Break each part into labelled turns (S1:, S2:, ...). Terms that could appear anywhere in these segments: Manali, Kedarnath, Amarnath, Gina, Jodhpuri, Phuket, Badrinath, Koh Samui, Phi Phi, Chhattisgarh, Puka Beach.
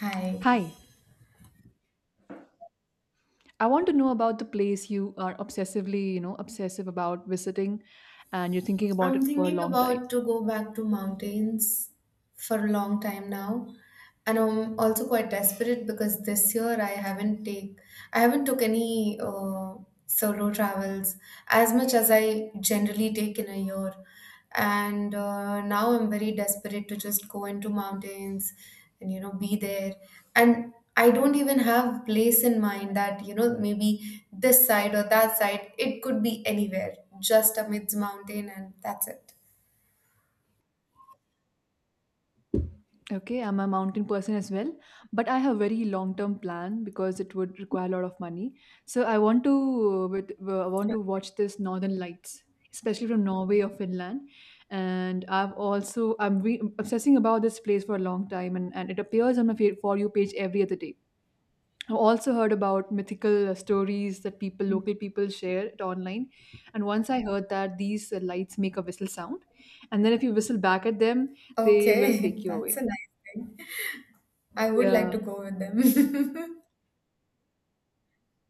S1: Hi.
S2: Hi, I want to know about the place you are obsessively, obsessive about visiting and you're thinking about
S1: I'm
S2: it for a
S1: thinking
S2: long time.
S1: about to go back to mountains for a long time now. And I'm also quite desperate because this year I haven't took any solo travels as much as I generally take in a year. And now I'm very desperate to just go into mountains and you know be there, and I don't even have place in mind that you know maybe this side or that side, it could be anywhere, just amidst mountain and that's it.
S2: Okay, I'm a mountain person as well, but I have very long-term plan because it would require a lot of money. So I want to I want to watch this Northern Lights, especially from Norway or Finland. And I've also I'm obsessing about this place for a long time, and it appears on my for you page every other day. I've also heard about mythical stories that people,
S1: Mhm.
S2: local people, share it online. And once I heard that these lights make a whistle sound, and then if you whistle back at them, they will
S1: Okay,
S2: take you
S1: that's a
S2: away.
S1: nice thing. I would like
S2: Yeah,
S1: to go with them.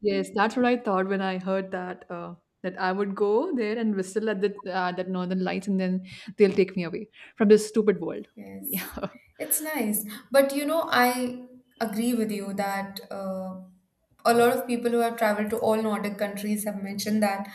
S2: yes, that's what I thought when I heard that. That I would go there and whistle at the that northern lights, and then they'll take me away from this stupid world.
S1: Yes,
S2: Yeah.
S1: it's nice. But you know, I agree with you that a lot of people who have traveled to all Nordic countries have mentioned that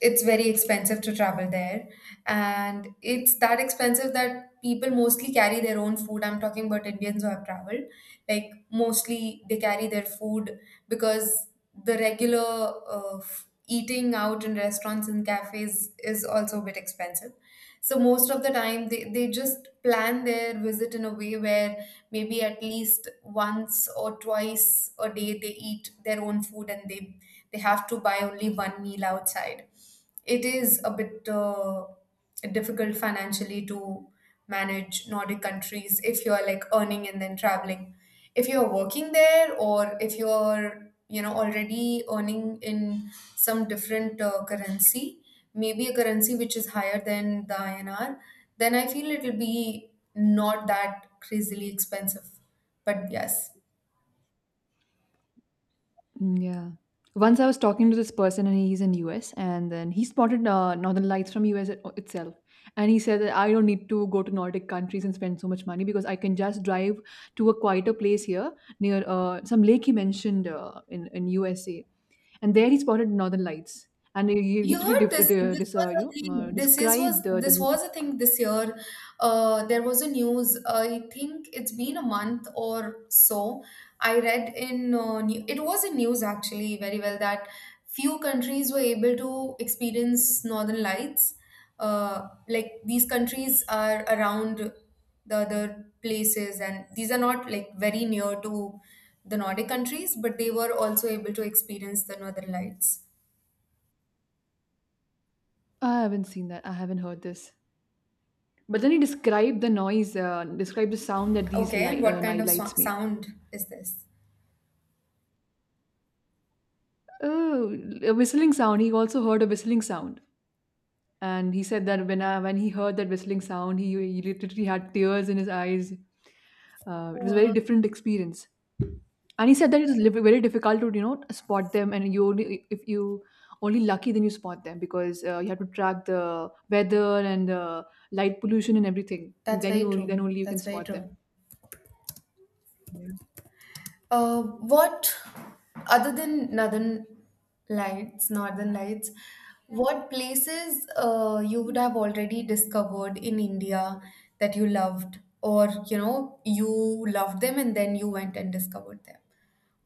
S1: it's very expensive to travel there. And it's that expensive that people mostly carry their own food. I'm talking about Indians who have traveled. Like, mostly they carry their food because the regular eating out in restaurants and cafes is also a bit expensive. So most of the time they just plan their visit in a way where maybe at least once or twice a day they eat their own food, and they have to buy only one meal outside. It is a bit difficult financially to manage Nordic countries if you're like earning and then traveling. If you're working there, or if you're you know already earning in some different currency, maybe a currency which is higher than the INR, then I feel it'll be not that crazily expensive. But yes.
S2: Mm, yeah. Once I was talking to this person, and he's in US, and then he spotted Northern Lights from US itself, and he said that I don't need to go to Nordic countries and spend so much money because I can just drive to a quieter place here near some lake he mentioned in USA, and there he spotted Northern Lights, and he
S1: You
S2: totally
S1: heard this. This was a thing. This is was
S2: described the,
S1: this
S2: the.
S1: was a thing this year. There was a news. I think it's been a month or so. I read in it was in news actually very well that few countries were able to experience Northern Lights. Like these countries are around the other places, and these are not like very near to the Nordic countries, but they were also able to experience the Northern Lights.
S2: I haven't seen that. I haven't heard this. But then he described the described the sound that these
S1: Okay, and what kind
S2: night
S1: of
S2: lights make.
S1: sound is this?
S2: Oh, a whistling sound. He also heard a whistling sound, and he said that when he heard that whistling sound, he literally had tears in his eyes. It was a very
S1: Wow.
S2: different experience, and he said that it is very difficult to you know spot them, and you only if you only lucky then you spot them because you have to track the weather and the light pollution and everything, and
S1: That's very true.
S2: then only you can
S1: That's very
S2: spot
S1: true.
S2: them.
S1: Uh, what, other than Northern Lights, what places you would have already discovered in India that you loved, or you know, you loved them and then you went and discovered them,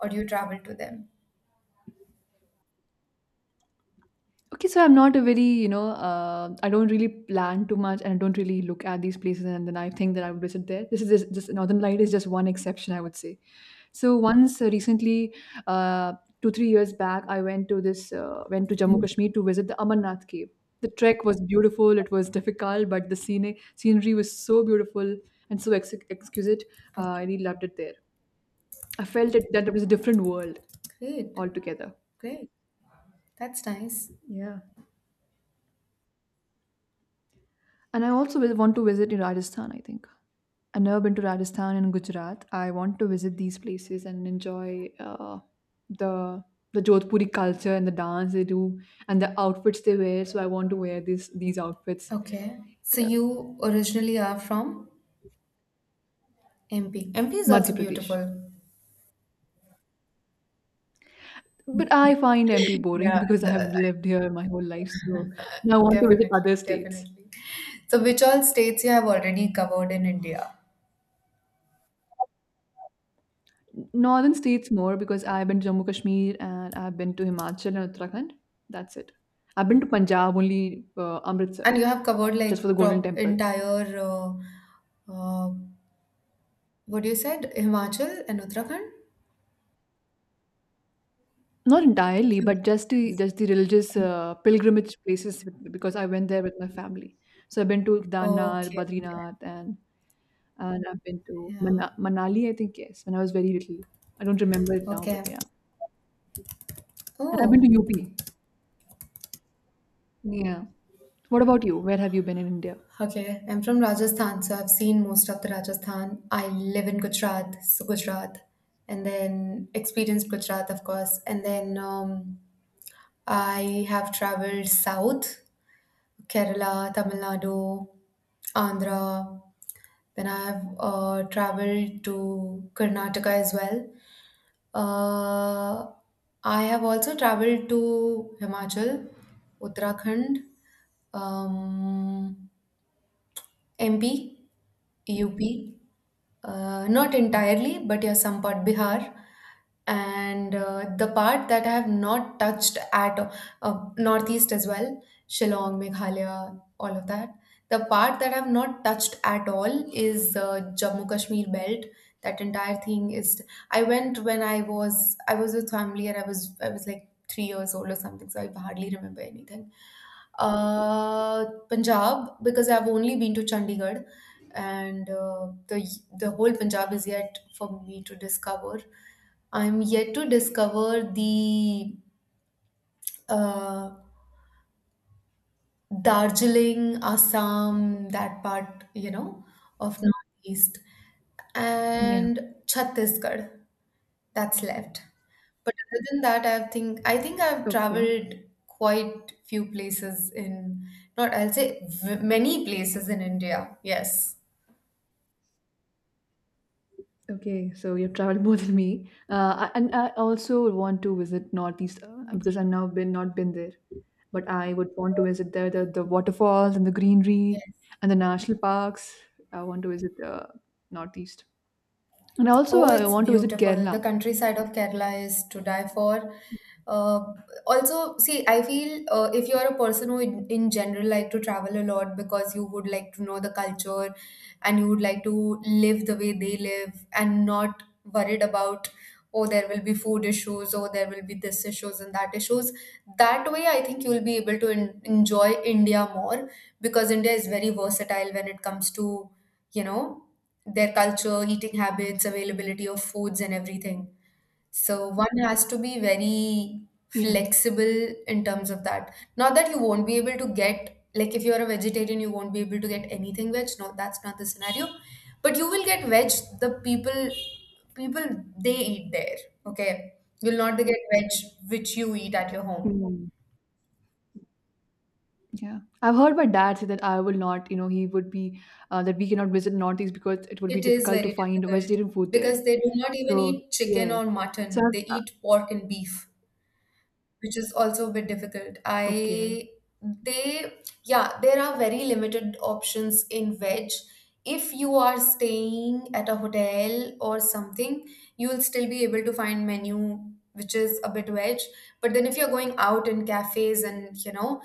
S1: or you traveled to them?
S2: Okay, so I'm not a very, I don't really plan too much and I don't really look at these places and then I think that I would visit there. This is just Northern Light is just one exception, I would say. So once recently, uh, two, 3 years back, I went to went to Jammu
S1: Mm.
S2: Kashmir to visit the Amarnath cave. The trek was beautiful. It was difficult, but the scenery was so beautiful and so exquisite. I
S1: Okay,
S2: really loved it there. I felt it, that it was a different world
S1: great,
S2: altogether.
S1: great. That's nice.
S2: Yeah. And I also will want to visit in Rajasthan, I think. I've never been to Rajasthan and Gujarat. I want to visit these places and enjoy the the Jodhpuri culture and the dance they do and the outfits they wear. So I want to wear these outfits.
S1: Okay, so
S2: Yeah,
S1: you originally are from? MP. MP is also
S2: Madhya Pradesh.
S1: beautiful.
S2: But I find MP boring
S1: Yeah,
S2: because I have
S1: the-
S2: lived here my whole life. So now I want to visit
S1: definitely,
S2: other states.
S1: definitely. So, which all states you have already covered in India?
S2: Northern states more because I've been to Jammu Kashmir and I've been to Himachal and Uttarakhand. That's it. I've been to Punjab only Amritsar
S1: And you have covered like
S2: just for the Golden
S1: pro
S2: Temple.
S1: entire, uh, what you said, Himachal and Uttarakhand?
S2: Not entirely,
S1: You-
S2: but just the religious pilgrimage places because I went there with my family. So I've been to Kedarnath,
S1: Okay, okay.
S2: Badrinath, and I've been to
S1: Yeah.
S2: Manali. I think yes, when I was very little. I don't remember it now,
S1: Okay.
S2: but yeah. And I've been
S1: Oh.
S2: to UP. Yeah. What about you? Where have you been in India?
S1: Okay, I'm from Rajasthan, so I've seen most of the Rajasthan. I live in Gujarat, so Gujarat, and then experienced Gujarat, of course, and then I have traveled south, Kerala, Tamil Nadu, Andhra. Then I've traveled to Karnataka as well. Uh, I have also traveled to Himachal, Uttarakhand, um, MP, UP. Not
S2: Okay.
S1: entirely, but yeah, some part Bihar. And the part that I have not touched at all, Northeast as well, Shillong, Meghalaya, all of that. The part that I have not touched at all is Jammu Kashmir belt. That entire thing is. I went when I was with family and I was like 3 years old or something, so I hardly remember anything. Punjab, because I've only been to Chandigarh and the whole Punjab is yet for me to discover. I'm yet to discover the uh, Darjeeling, Assam, that part, you know, of Northeast,
S2: Yeah.
S1: and Chhattisgarh. That's left. But other than that, I think I've
S2: Okay.
S1: traveled quite few places in not I'll say v- many places in India. Yes.
S2: Okay, so you've traveled more than me, and I also want to visit Northeast because
S1: Mm.
S2: I've now been not been there, but I would want to visit there the waterfalls and the greenery
S1: Yes.
S2: and the national parks. I want to visit the Northeast, and also
S1: Oh,
S2: I
S1: it's
S2: want to visit
S1: beautiful. The
S2: Kerala.
S1: countryside of Kerala is to die for. Uh, also, see, I feel if you're a person who, in general, like to travel a lot, because you would like to know the culture and you would like to live the way they live and not worried about, oh, there will be food issues, oh, there will be this issues and that issues. That way, I think you'll be able to en enjoy India more because India is very versatile when it comes to, you know, their culture, eating habits, availability of foods, and everything. So one has to be very
S2: Yeah,
S1: flexible in terms of that. Not that you won't be able to get, like, if you're a vegetarian, you won't be able to get anything veg. No, that's not the scenario. But you will get veg. The people, people they eat there. Okay, you'll not get veg which you eat at your home.
S2: yeah. Yeah, I've heard my dad say that I will not, he would be that we cannot visit Northeast because it would be
S1: It is
S2: difficult to
S1: very
S2: find
S1: difficult
S2: vegetarian food there.
S1: because they do not even
S2: So
S1: eat chicken
S2: yes,
S1: or
S2: so
S1: mutton. They
S2: I've,
S1: eat pork and beef, which is also a bit difficult.
S2: okay,
S1: I they yeah, there are very limited options in veg. If you are staying at a hotel or something, you'll still be able to find menu which is a bit veg. But then if you're going out in cafes and you know,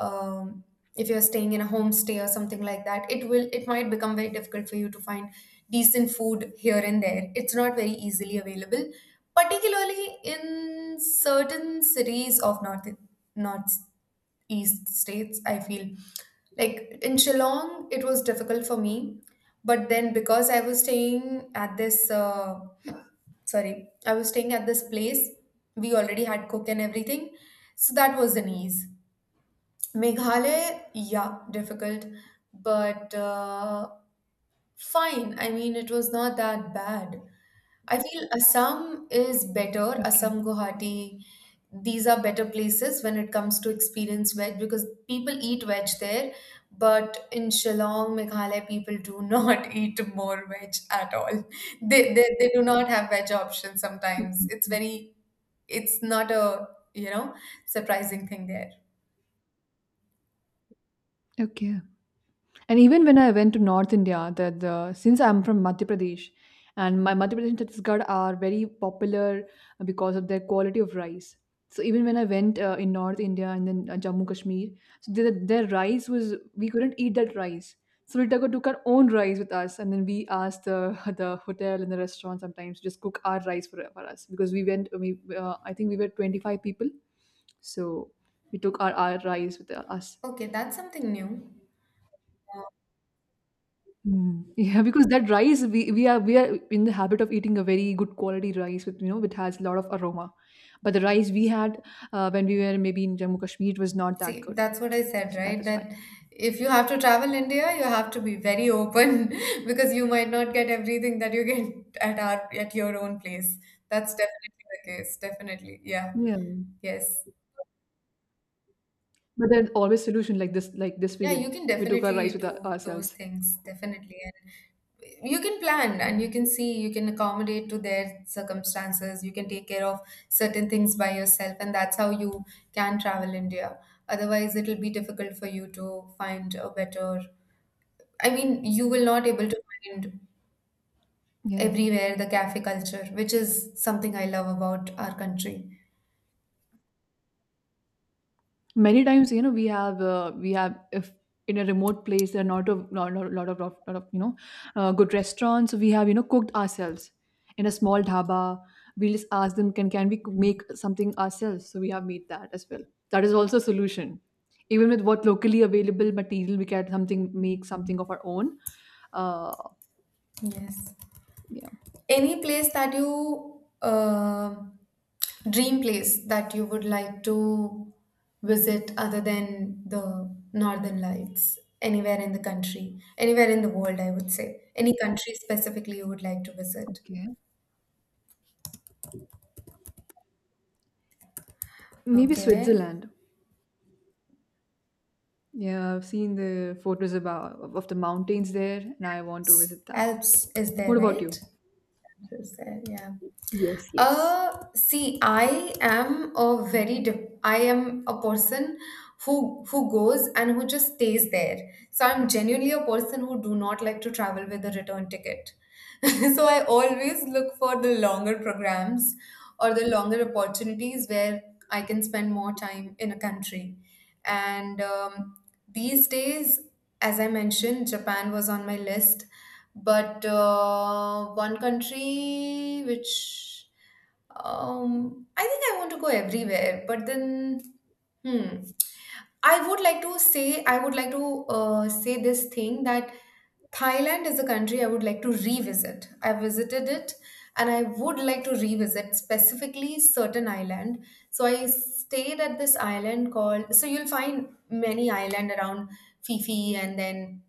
S1: um, if you're staying in a homestay or something like that, it might become very difficult for you to find decent food here and there. It's not very easily available, particularly in certain cities of northeast states, I feel. Like in Shillong, it was difficult for me, but then because I was staying at this sorry, I was staying at this place, we already had cook and everything, so that was an ease. Meghalaya, yeah, difficult, but fine. I mean, it was not that bad. I feel Assam is better.
S2: okay,
S1: Assam, Guwahati, these are better places when it comes to experience veg because people eat veg there, but in Shillong, Meghalaya, people do not eat more veg at all. They do not have veg options sometimes. It's
S2: mm,
S1: very, it's not a you know surprising thing there.
S2: okay. And even when I went to North India, that the since I'm from Madhya Pradesh, and my Madhya Pradesh and Chhattisgarh are very popular because of their quality of rice. So even when I went in North India and then Jammu Kashmir, so their rice was we couldn't eat that rice. So we took our own rice with us, and then we asked the the hotel and the restaurant sometimes to just cook our rice for us because we went. We I think we were 25 people, so we took our rice with us.
S1: Okay, that's something new.
S2: Mm. Yeah, because that rice we are in the habit of eating a very good quality rice with you know it has a lot of aroma, but the rice we had when we were maybe in Jammu Kashmir was not that
S1: See,
S2: good,
S1: that's what I said,
S2: so that
S1: right?
S2: is
S1: That
S2: why.
S1: if you have to travel India, you have to be very open because you might not get everything that you get at our at your own place. That's definitely the case. Definitely. Yeah.
S2: Yeah,
S1: Yes.
S2: but there's always solution like this we
S1: Yeah, you
S2: did.
S1: can
S2: We took our rice
S1: definitely
S2: with
S1: do those
S2: ourselves.
S1: things, definitely. And you can plan
S2: Yeah.
S1: and you can see, you can accommodate to their circumstances, you can take care of certain things by yourself, and that's how you can travel India. Otherwise, it'll be difficult for you to find a better I mean, you will not able to find
S2: Yeah.
S1: everywhere the cafe culture, which is something I love about our country.
S2: Many times you know we have if in a remote place there are not a lot of you know good restaurants. So we have you know cooked ourselves in a small dhaba. We just ask them can we make something ourselves, so we have made that as well. That is also a solution. Even with what locally available material we can something make something of our own. uh
S1: Yes.
S2: yeah,
S1: Any place that you dream place that you would like to visit other than the Northern Lights? Anywhere in the country, anywhere in the world, I would say. Any country specifically you would like to visit?
S2: okay, maybe
S1: Okay.
S2: Switzerland. Yeah, I've seen the photos about of the mountains there and I want to visit that.
S1: Alps is there,
S2: What about you?
S1: right? Just there, yeah.
S2: Yes, yes.
S1: See, I am a I am a person who goes and who just stays there. So I'm genuinely a person who do not like to travel with a return ticket. So I always look for the longer programs or the longer opportunities where I can spend more time in a country. And these days, as I mentioned, Japan was on my list, but one country which I think I want to go everywhere, but then, hmm, I would like to say, I would like to say this thing that Thailand is a country I would like to revisit. I visited it and I would like to revisit specifically certain island. So I stayed at this island called, so you'll find many island around Phi Phi and then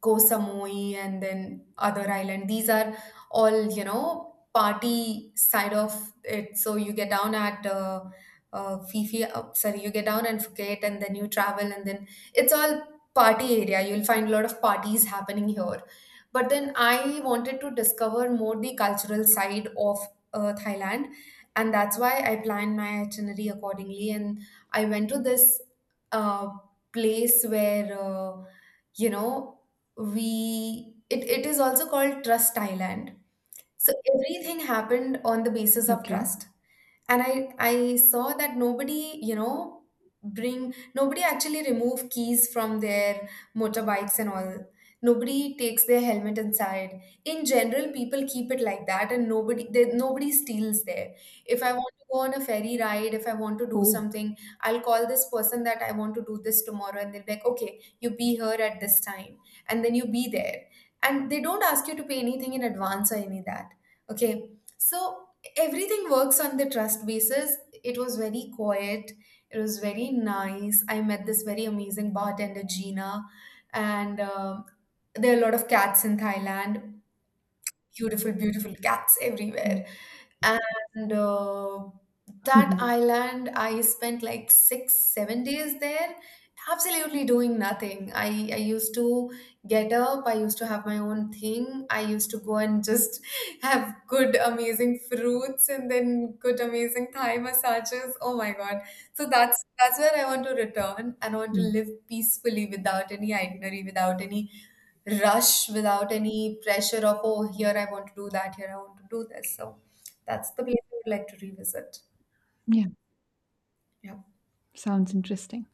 S1: Koh Samui and then other island. These are all, you know, party side of it. So you get down at Fifi, sorry, you get down and Phuket and then you travel and then it's all party area. You'll find a lot of parties happening here. But then I wanted to discover more the cultural side of Thailand. And that's why I planned my itinerary accordingly. And I went to this uh, place where, you know, we it, it is also called Trust Thailand. So everything happened on the basis of
S2: Okay.
S1: trust, and I saw that nobody you know bring nobody actually remove keys from their motorbikes and all, nobody takes their helmet inside, in general people keep it like that, and nobody steals there. If I want to go on a ferry ride, if I want to do
S2: Oh.
S1: something, I'll call this person that I want to do this tomorrow, and they'll be like, okay, you be here at this time and then you be there, and they don't ask you to pay anything in advance or any that. Okay, so everything works on the trust basis. It was very quiet. It was very nice. I met this very amazing bartender, Gina, and there are a lot of cats in Thailand. Beautiful, beautiful cats
S2: Mm.
S1: everywhere. And that island I spent like 6, 7 days there, absolutely doing nothing. I used to get up, I used to have my own thing, I used to go and just have good amazing fruits and then good amazing thigh massages, oh my god. So that's where I want to return and I want to
S2: Mm.
S1: live peacefully without any itinerary, without any rush, without any pressure of, oh, here I want to do that, here I want to do this. So that's the place I would like to revisit.
S2: Yeah.
S1: Yeah.
S2: Sounds interesting.